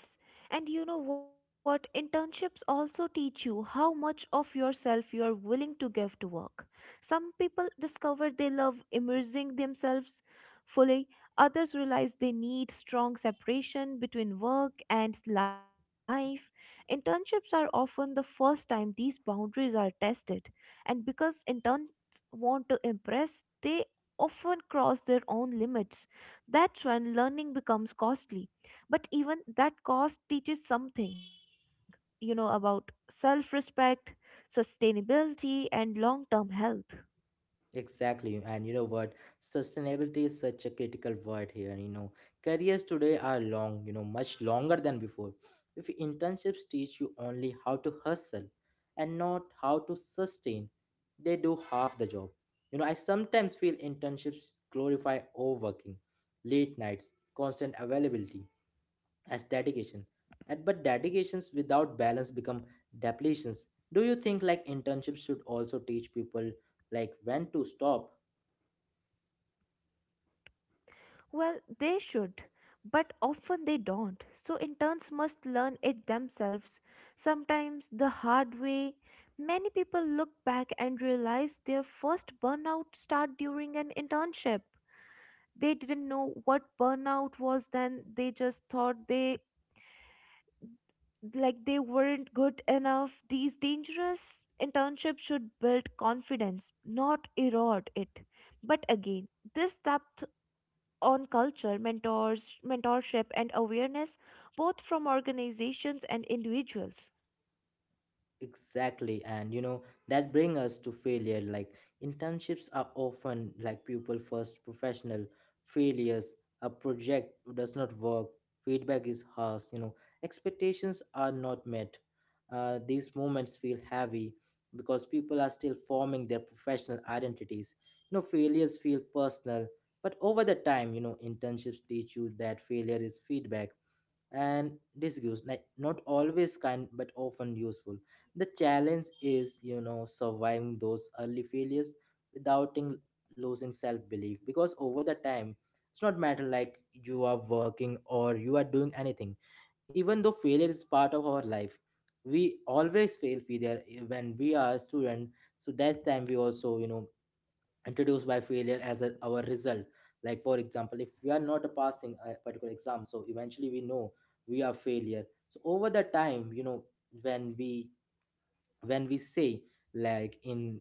[SPEAKER 2] Well, yes. And you know what? Internships also teach you how much of yourself you are willing to give to work. Some people discover they love immersing themselves fully, others realize they need strong separation between work and life. Internships are often the first time these boundaries are tested, and because interns want to impress, they often cross their own limits. That's when learning becomes costly, but even that cost teaches something, you know, about self respect, sustainability, and long term health.
[SPEAKER 1] Exactly. And you know what? Sustainability is such a critical word here. You know, careers today are long, you know, much longer than before. If internships teach you only how to hustle and not how to sustain, they do half the job. You know, I sometimes feel internships glorify overworking, late nights, constant availability as dedication. And but dedications without balance become depletions. Do you think like internships should also teach people like when to stop?
[SPEAKER 2] Well, they should, but often they don't. So interns must learn it themselves, sometimes the hard way. Many people look back and realize their first burnout start during an internship. They didn't know what burnout was then. They just thought they like they weren't good enough. These dangerous internships should build confidence, not erode it. But again, this depth on culture, mentors, mentorship, and awareness, both from organizations and individuals.
[SPEAKER 1] Exactly, and you know that bring us to failure. Like internships are often like pupil first professional failures. A project does not work. Feedback is harsh. You know expectations are not met. Uh, these moments feel heavy because people are still forming their professional identities. You know failures feel personal, but over the time, you know internships teach you that failure is feedback and disuse, like not always kind but often useful. The challenge is you know surviving those early failures without in- losing self-belief, because over the time it's not matter like you are working or you are doing anything. Even though failure is part of our life, we always fail failure eh, when we are a student, so that time we also you know introduced by failure as a, our result. Like for example, if we are not passing a particular exam, so eventually we know we are failure. So over the time you know when we when we say like in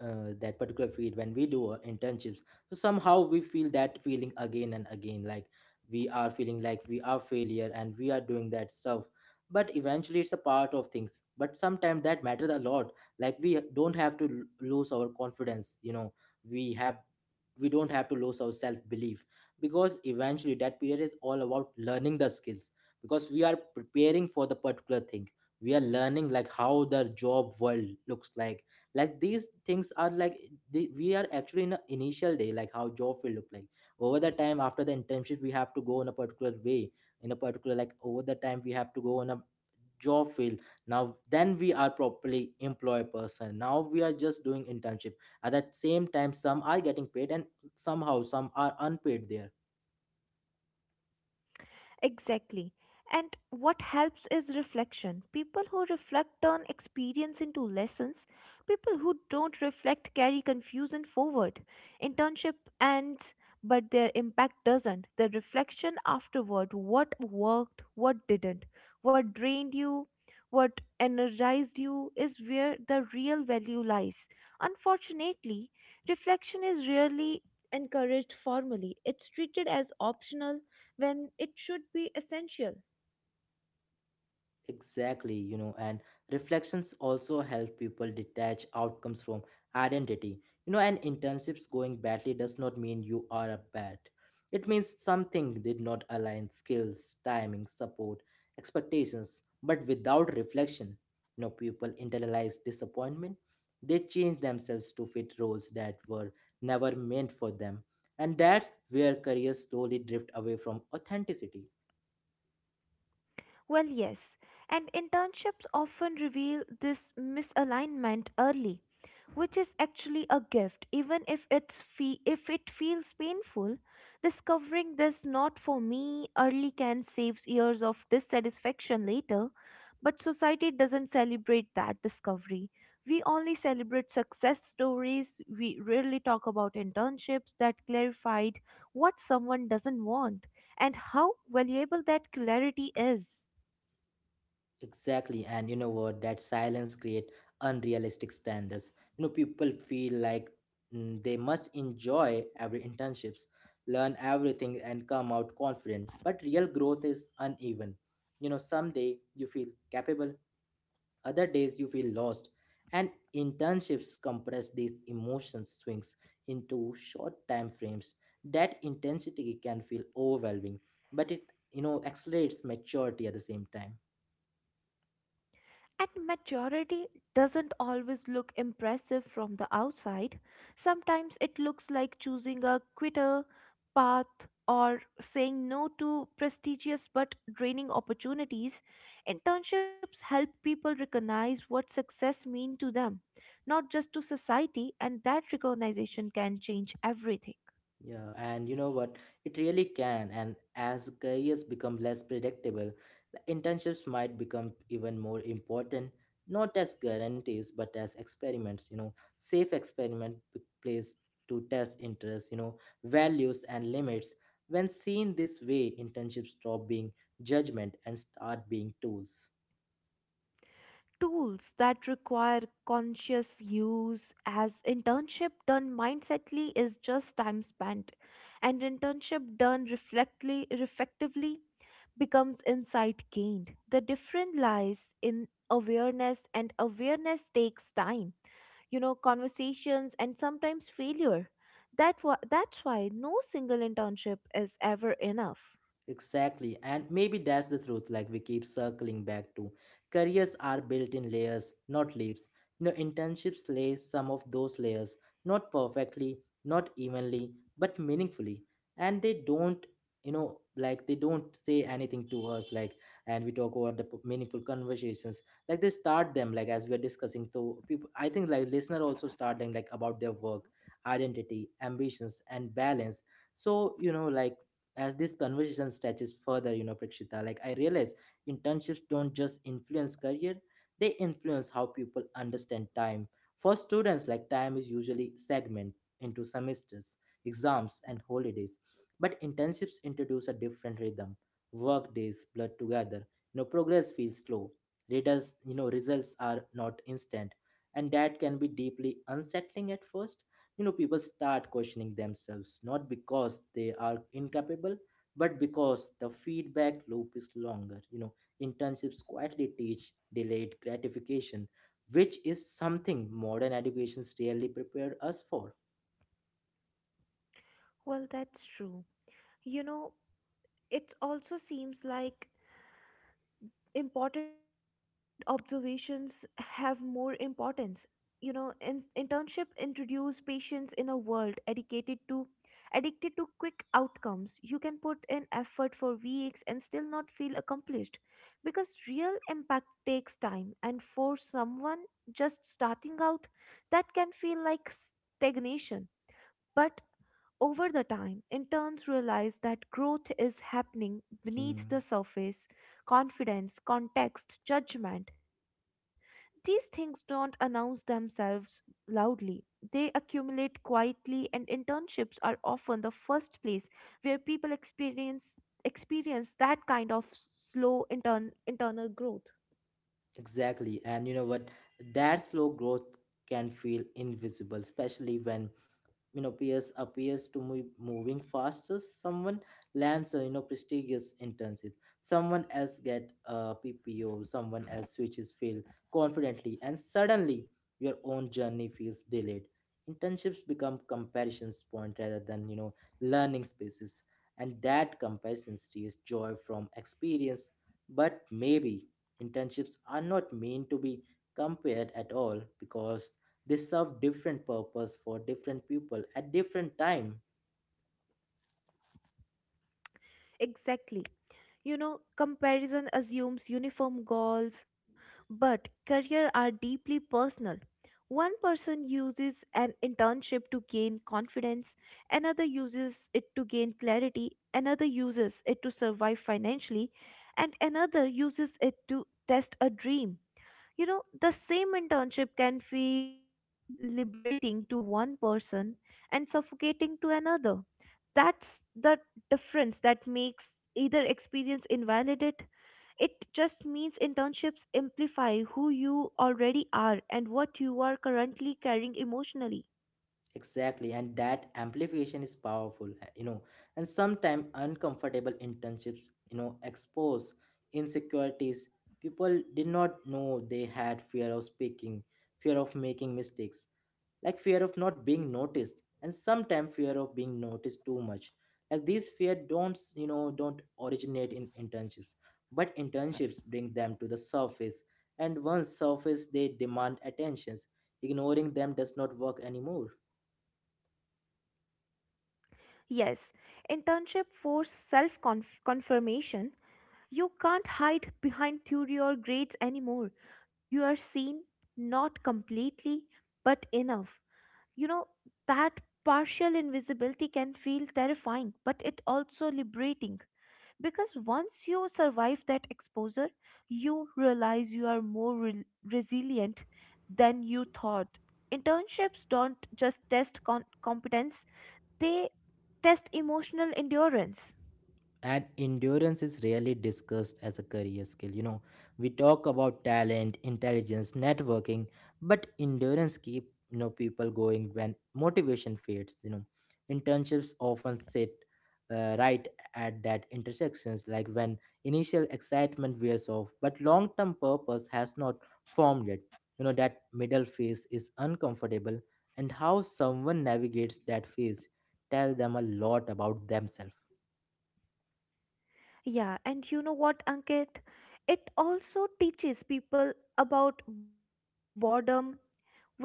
[SPEAKER 1] uh, that particular field when we do our internships, so somehow we feel that feeling again and again, like we are feeling like we are failure and we are doing that stuff, but eventually it's a part of things, but sometimes that matters a lot. Like we don't have to l- lose our confidence, you know we have we don't have to lose our self belief, because eventually that period is all about learning the skills, because we are preparing for the particular thing. We are learning like how the job world looks like. Like these things are like the, we are actually in the initial day like how job will look like. Over the time, after the internship, we have to go in a particular way, in a particular, like over the time we have to go on a job field. Now then we are properly employed person, now we are just doing internship. At that same time, some are getting paid and somehow some are unpaid there.
[SPEAKER 2] Exactly. And what helps is reflection. People who reflect turn experience into lessons. People who don't reflect carry confusion forward. Internship ends, but their impact doesn't. The reflection afterward, what worked, what didn't, what drained you, what energized you, is where the real value lies. Unfortunately, reflection is rarely encouraged formally, it's treated as optional when it should be essential.
[SPEAKER 1] Exactly, you know, and reflections also help people detach outcomes from identity. You know, and internships going badly does not mean you are a bad. It means something did not align skills, timing, support, expectations. But without reflection, you know, people internalize disappointment. They change themselves to fit roles that were never meant for them. And that's where careers slowly drift away from authenticity.
[SPEAKER 2] Well, yes, and internships often reveal this misalignment early, which is actually a gift, even if it's fe- if it feels painful. Discovering this not for me early can save years of dissatisfaction later, but society doesn't celebrate that discovery. We only celebrate success stories. We rarely talk about internships that clarified what someone doesn't want and how valuable that clarity is.
[SPEAKER 1] Exactly, and you know what? That silence create unrealistic standards. You know, people feel like mm, they must enjoy every internships, learn everything, and come out confident. But real growth is uneven. You know, some day you feel capable, other days you feel lost, and internships compress these emotion swings into short time frames. That intensity can feel overwhelming, but it you know accelerates maturity at the same time.
[SPEAKER 2] And maturity doesn't always look impressive from the outside. Sometimes it looks like choosing a quitter path or saying no to prestigious but draining opportunities. Internships help people recognize what success means to them, not just to society, and that recognition can change everything.
[SPEAKER 1] Yeah, and you know what? It really can. And as careers become less predictable, the internships might become even more important, not as guarantees, but as experiments, you know, safe experiment p- place to test interests, you know, values and limits. When seen this way, internships stop being judgment and start being tools.
[SPEAKER 2] Tools that require conscious use, as internship done mindsetly is just time spent, and internship done reflectly reflectively becomes insight gained. The difference lies in awareness, and awareness takes time, you know, conversations, and sometimes failure. That wa- that's why no single internship is ever enough.
[SPEAKER 1] Exactly. And maybe that's the truth, like we keep circling back to. Careers are built in layers, not leaps. You know, internships lay some of those layers, not perfectly, not evenly, but meaningfully. And they don't, you know, like they don't say anything to us, like, and we talk about the p- meaningful conversations. Like they start them, like as we're discussing to people. I think like listener also start them, like about their work, identity, ambitions, and balance. So you know like as this conversation stretches further, you know, Prakshita, like I realize internships don't just influence career, they influence how people understand time. For students, like time is usually segmented into semesters, exams, and holidays. But internships introduce a different rhythm. Work days blur together. You know, progress feels slow. Results, you know, results are not instant, and that can be deeply unsettling at first. You know, people start questioning themselves, not because they are incapable, but because the feedback loop is longer. You know, internships quietly teach delayed gratification, which is something modern educations really prepared us for.
[SPEAKER 2] Well, that's true. You know, it also seems like important observations have more importance. You know, in, internship introduce patients in a world dedicated to addicted to quick outcomes. You can put in effort for weeks and still not feel accomplished, because real impact takes time, and for someone just starting out that can feel like stagnation. But over the time, interns realize that growth is happening beneath the
[SPEAKER 1] Hmm,
[SPEAKER 2] surface. Confidence, context, judgment. These things don't announce themselves loudly. They accumulate quietly, and internships are often the first place where people experience experience that kind of s- slow intern, internal growth.
[SPEAKER 1] exactly, and you know what, that slow growth can feel invisible, especially when you know peers appears to be moving faster. Someone lands a you know prestigious internship, someone else get a P P O, someone else switches field confidently, and suddenly your own journey feels delayed. Internships become comparisons point rather than you know learning spaces, and that comparison steals joy from experience. But maybe internships are not meant to be compared at all, because they serve different purpose for different people at different time.
[SPEAKER 2] Exactly. You know, comparison assumes uniform goals, but career are deeply personal. One person uses an internship to gain confidence, another uses it to gain clarity, another uses it to survive financially, and another uses it to test a dream. You know, the same internship can feel liberating to one person and suffocating to another. That's the difference that makes either experience invalidate. It just means internships amplify who you already are and what you are currently carrying emotionally.
[SPEAKER 1] Exactly, and that amplification is powerful, uh, you know. And sometimes uncomfortable internships, you know, expose insecurities. People did not know they had fear of speaking, fear of making mistakes, like fear of not being noticed, and sometimes fear of being noticed too much. Like these fear don't, you know, don't originate in internships, but internships bring them to the surface, and once surface, they demand attentions. Ignoring them does not work anymore.
[SPEAKER 2] Yes, internship force self confirmation. You can't hide behind theory or grades anymore. You are seen, not completely, but enough. You know, that partial invisibility can feel terrifying, but it also liberating, because once you survive that exposure you realize you are more re- resilient than you thought. Internships don't just test con- competence they test emotional endurance.
[SPEAKER 1] And endurance is rarely discussed as a career skill. you know we talk about talent, intelligence, networking, but endurance keep you know people going when motivation fades. you know internships often sit uh, right at that intersections, like when initial excitement wears off but long term purpose has not formed yet. You know that middle phase is uncomfortable, and how someone navigates that phase tell them a lot about themselves.
[SPEAKER 2] Yeah, and you know what, Ankit? It also teaches people about boredom,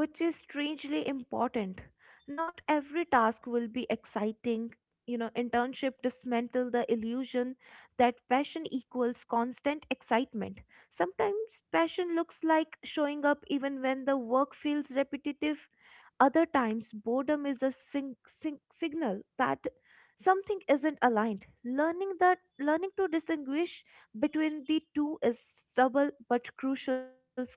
[SPEAKER 2] which is strangely important. Not every task will be exciting. You know, internship dismantle the illusion that passion equals constant excitement. Sometimes passion looks like showing up even when the work feels repetitive. Other times, boredom is a sing- sing- signal that something isn't aligned. Learning that learning to distinguish between the two is stubble but crucial skill.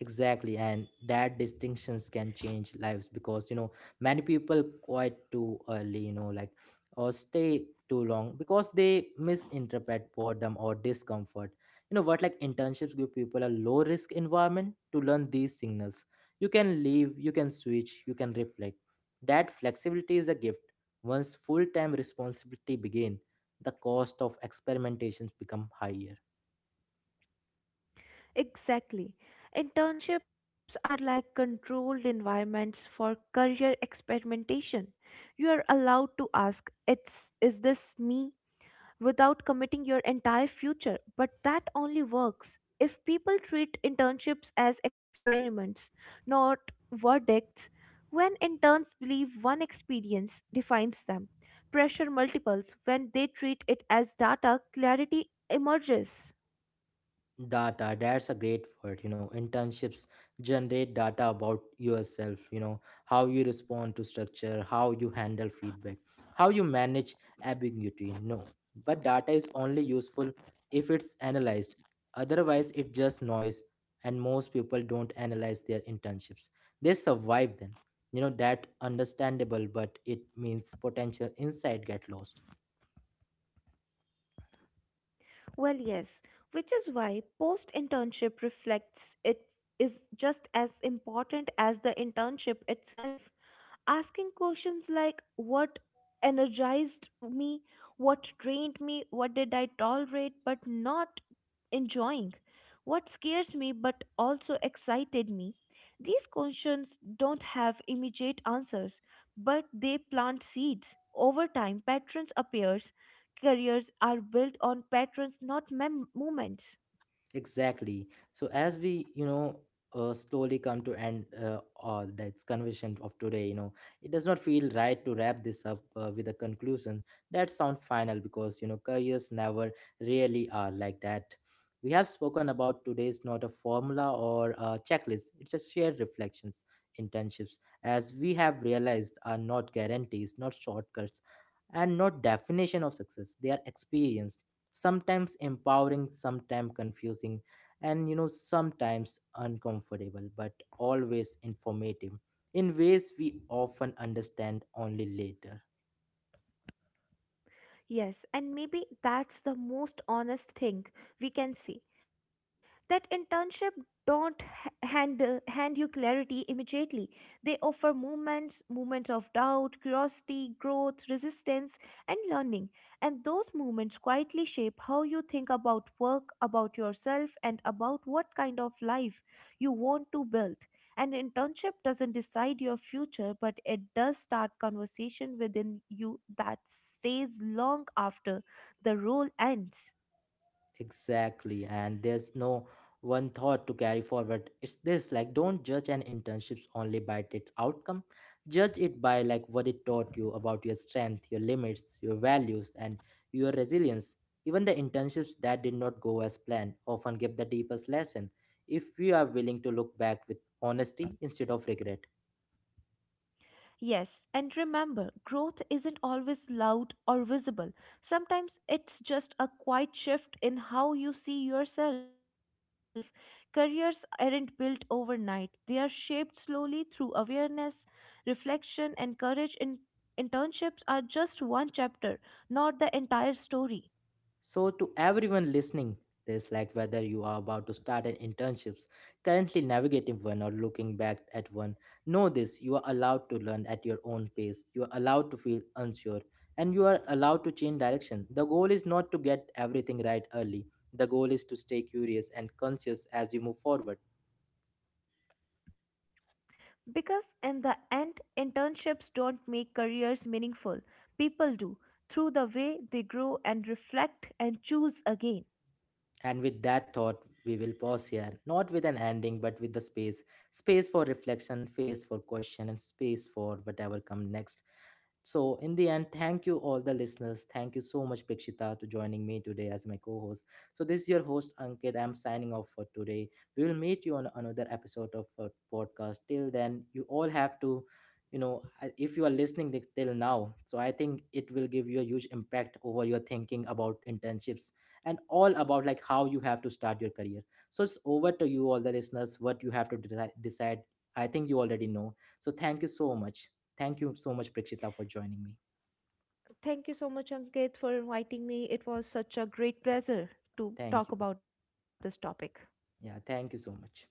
[SPEAKER 1] Exactly, and that distinctions can change lives, because you know many people quit too early, you know, like or stay too long because they misinterpret boredom or discomfort. You know what, like internships give people a low risk environment to learn these signals. You can leave, you can switch, you can reflect. That flexibility is a gift. Once full time responsibility begin, the cost of experimentations become higher.
[SPEAKER 2] Exactly. Internships are like controlled environments for career experimentation. You are allowed to ask, it's, is this me, without committing your entire future. But that only works if people treat internships as experiments, not verdicts. When interns believe one experience defines them, pressure multiples. When they treat it as data, clarity emerges.
[SPEAKER 1] Data, that's a great word. You know, internships generate data about yourself, you know, how you respond to structure, how you handle feedback, how you manage ambiguity. No, but data is only useful if it's analyzed. Otherwise, it's just noise, and most people don't analyze their internships. They survive them. You know, that understandable, but it means potential insight get lost.
[SPEAKER 2] Well, yes, which is why post internship reflects it is just as important as the internship itself. Asking questions like what energized me, what drained me, what did I tolerate but not enjoying. What scares me but also excited me. These questions don't have immediate answers, but they plant seeds. Over time, patterns appears. Careers are built on patterns, not mem- moments.
[SPEAKER 1] Exactly. So as we, you know, uh, slowly come to end uh, all that's conversation of today, you know, it does not feel right to wrap this up uh, with a conclusion that sounds final, because you know careers never really are like that. We have spoken about today's not a formula or a checklist; it's a shared reflections. Internships, as we have realized, are not guarantees, not shortcuts, and not definition of success. They are experience, sometimes empowering, sometimes confusing, and you know sometimes uncomfortable, but always informative in ways we often understand only later.
[SPEAKER 2] Yes, and maybe that's the most honest thing we can say. That internship don't h- hand uh, hand you clarity immediately. They offer moments, moments of doubt, curiosity, growth, resistance, and learning. And those moments quietly shape how you think about work, about yourself, and about what kind of life you want to build. An internship doesn't decide your future, but it does start conversation within you that stays long after the role ends.
[SPEAKER 1] Exactly, and there's no one thought to carry forward. It's this, like, don't judge an internships only by its outcome. Judge it by like what it taught you about your strength, your limits, your values, and your resilience. Even the internships that did not go as planned often give the deepest lesson, if we are willing to look back with honesty instead of regret.
[SPEAKER 2] Yes, and remember, growth isn't always loud or visible. Sometimes it's just a quiet shift in how you see yourself. Careers aren't built overnight, they are shaped slowly through awareness, reflection, and courage. In- internships are just one chapter, not the entire story.
[SPEAKER 1] So, to everyone listening, this like whether you are about to start an internships, currently navigating one, or looking back at one, know this, you are allowed to learn at your own pace, you are allowed to feel unsure, and you are allowed to change direction. The goal is not to get everything right early, the goal is to stay curious and conscious as you move forward.
[SPEAKER 2] Because in the end, internships don't make careers meaningful. People do, through the way they grow and reflect and choose again.
[SPEAKER 1] And with that thought, we will pause here, not with an ending, but with the space space for reflection, space for question, and space for whatever comes next. So in the end, thank you all the listeners. Thank you so much, Prakshita, to joining me today as my co-host. So this is your host Ankit. I'm signing off for today. We will meet you on another episode of our podcast. Till then, you all have to, you know, I- if you are listening thi- till now, so I think it will give you a huge impact over your thinking about internships and all about like how you have to start your career. So it's over to you all the listeners what you have to deci- decide. I think you already know. So thank you so much. Thank you so much, Prakshita, for joining me.
[SPEAKER 2] Thank you so much, Ankit, for inviting me. It was such a great pleasure to
[SPEAKER 1] Thank
[SPEAKER 2] talk
[SPEAKER 1] you.
[SPEAKER 2] about this topic.
[SPEAKER 1] Yeah, thank you so much.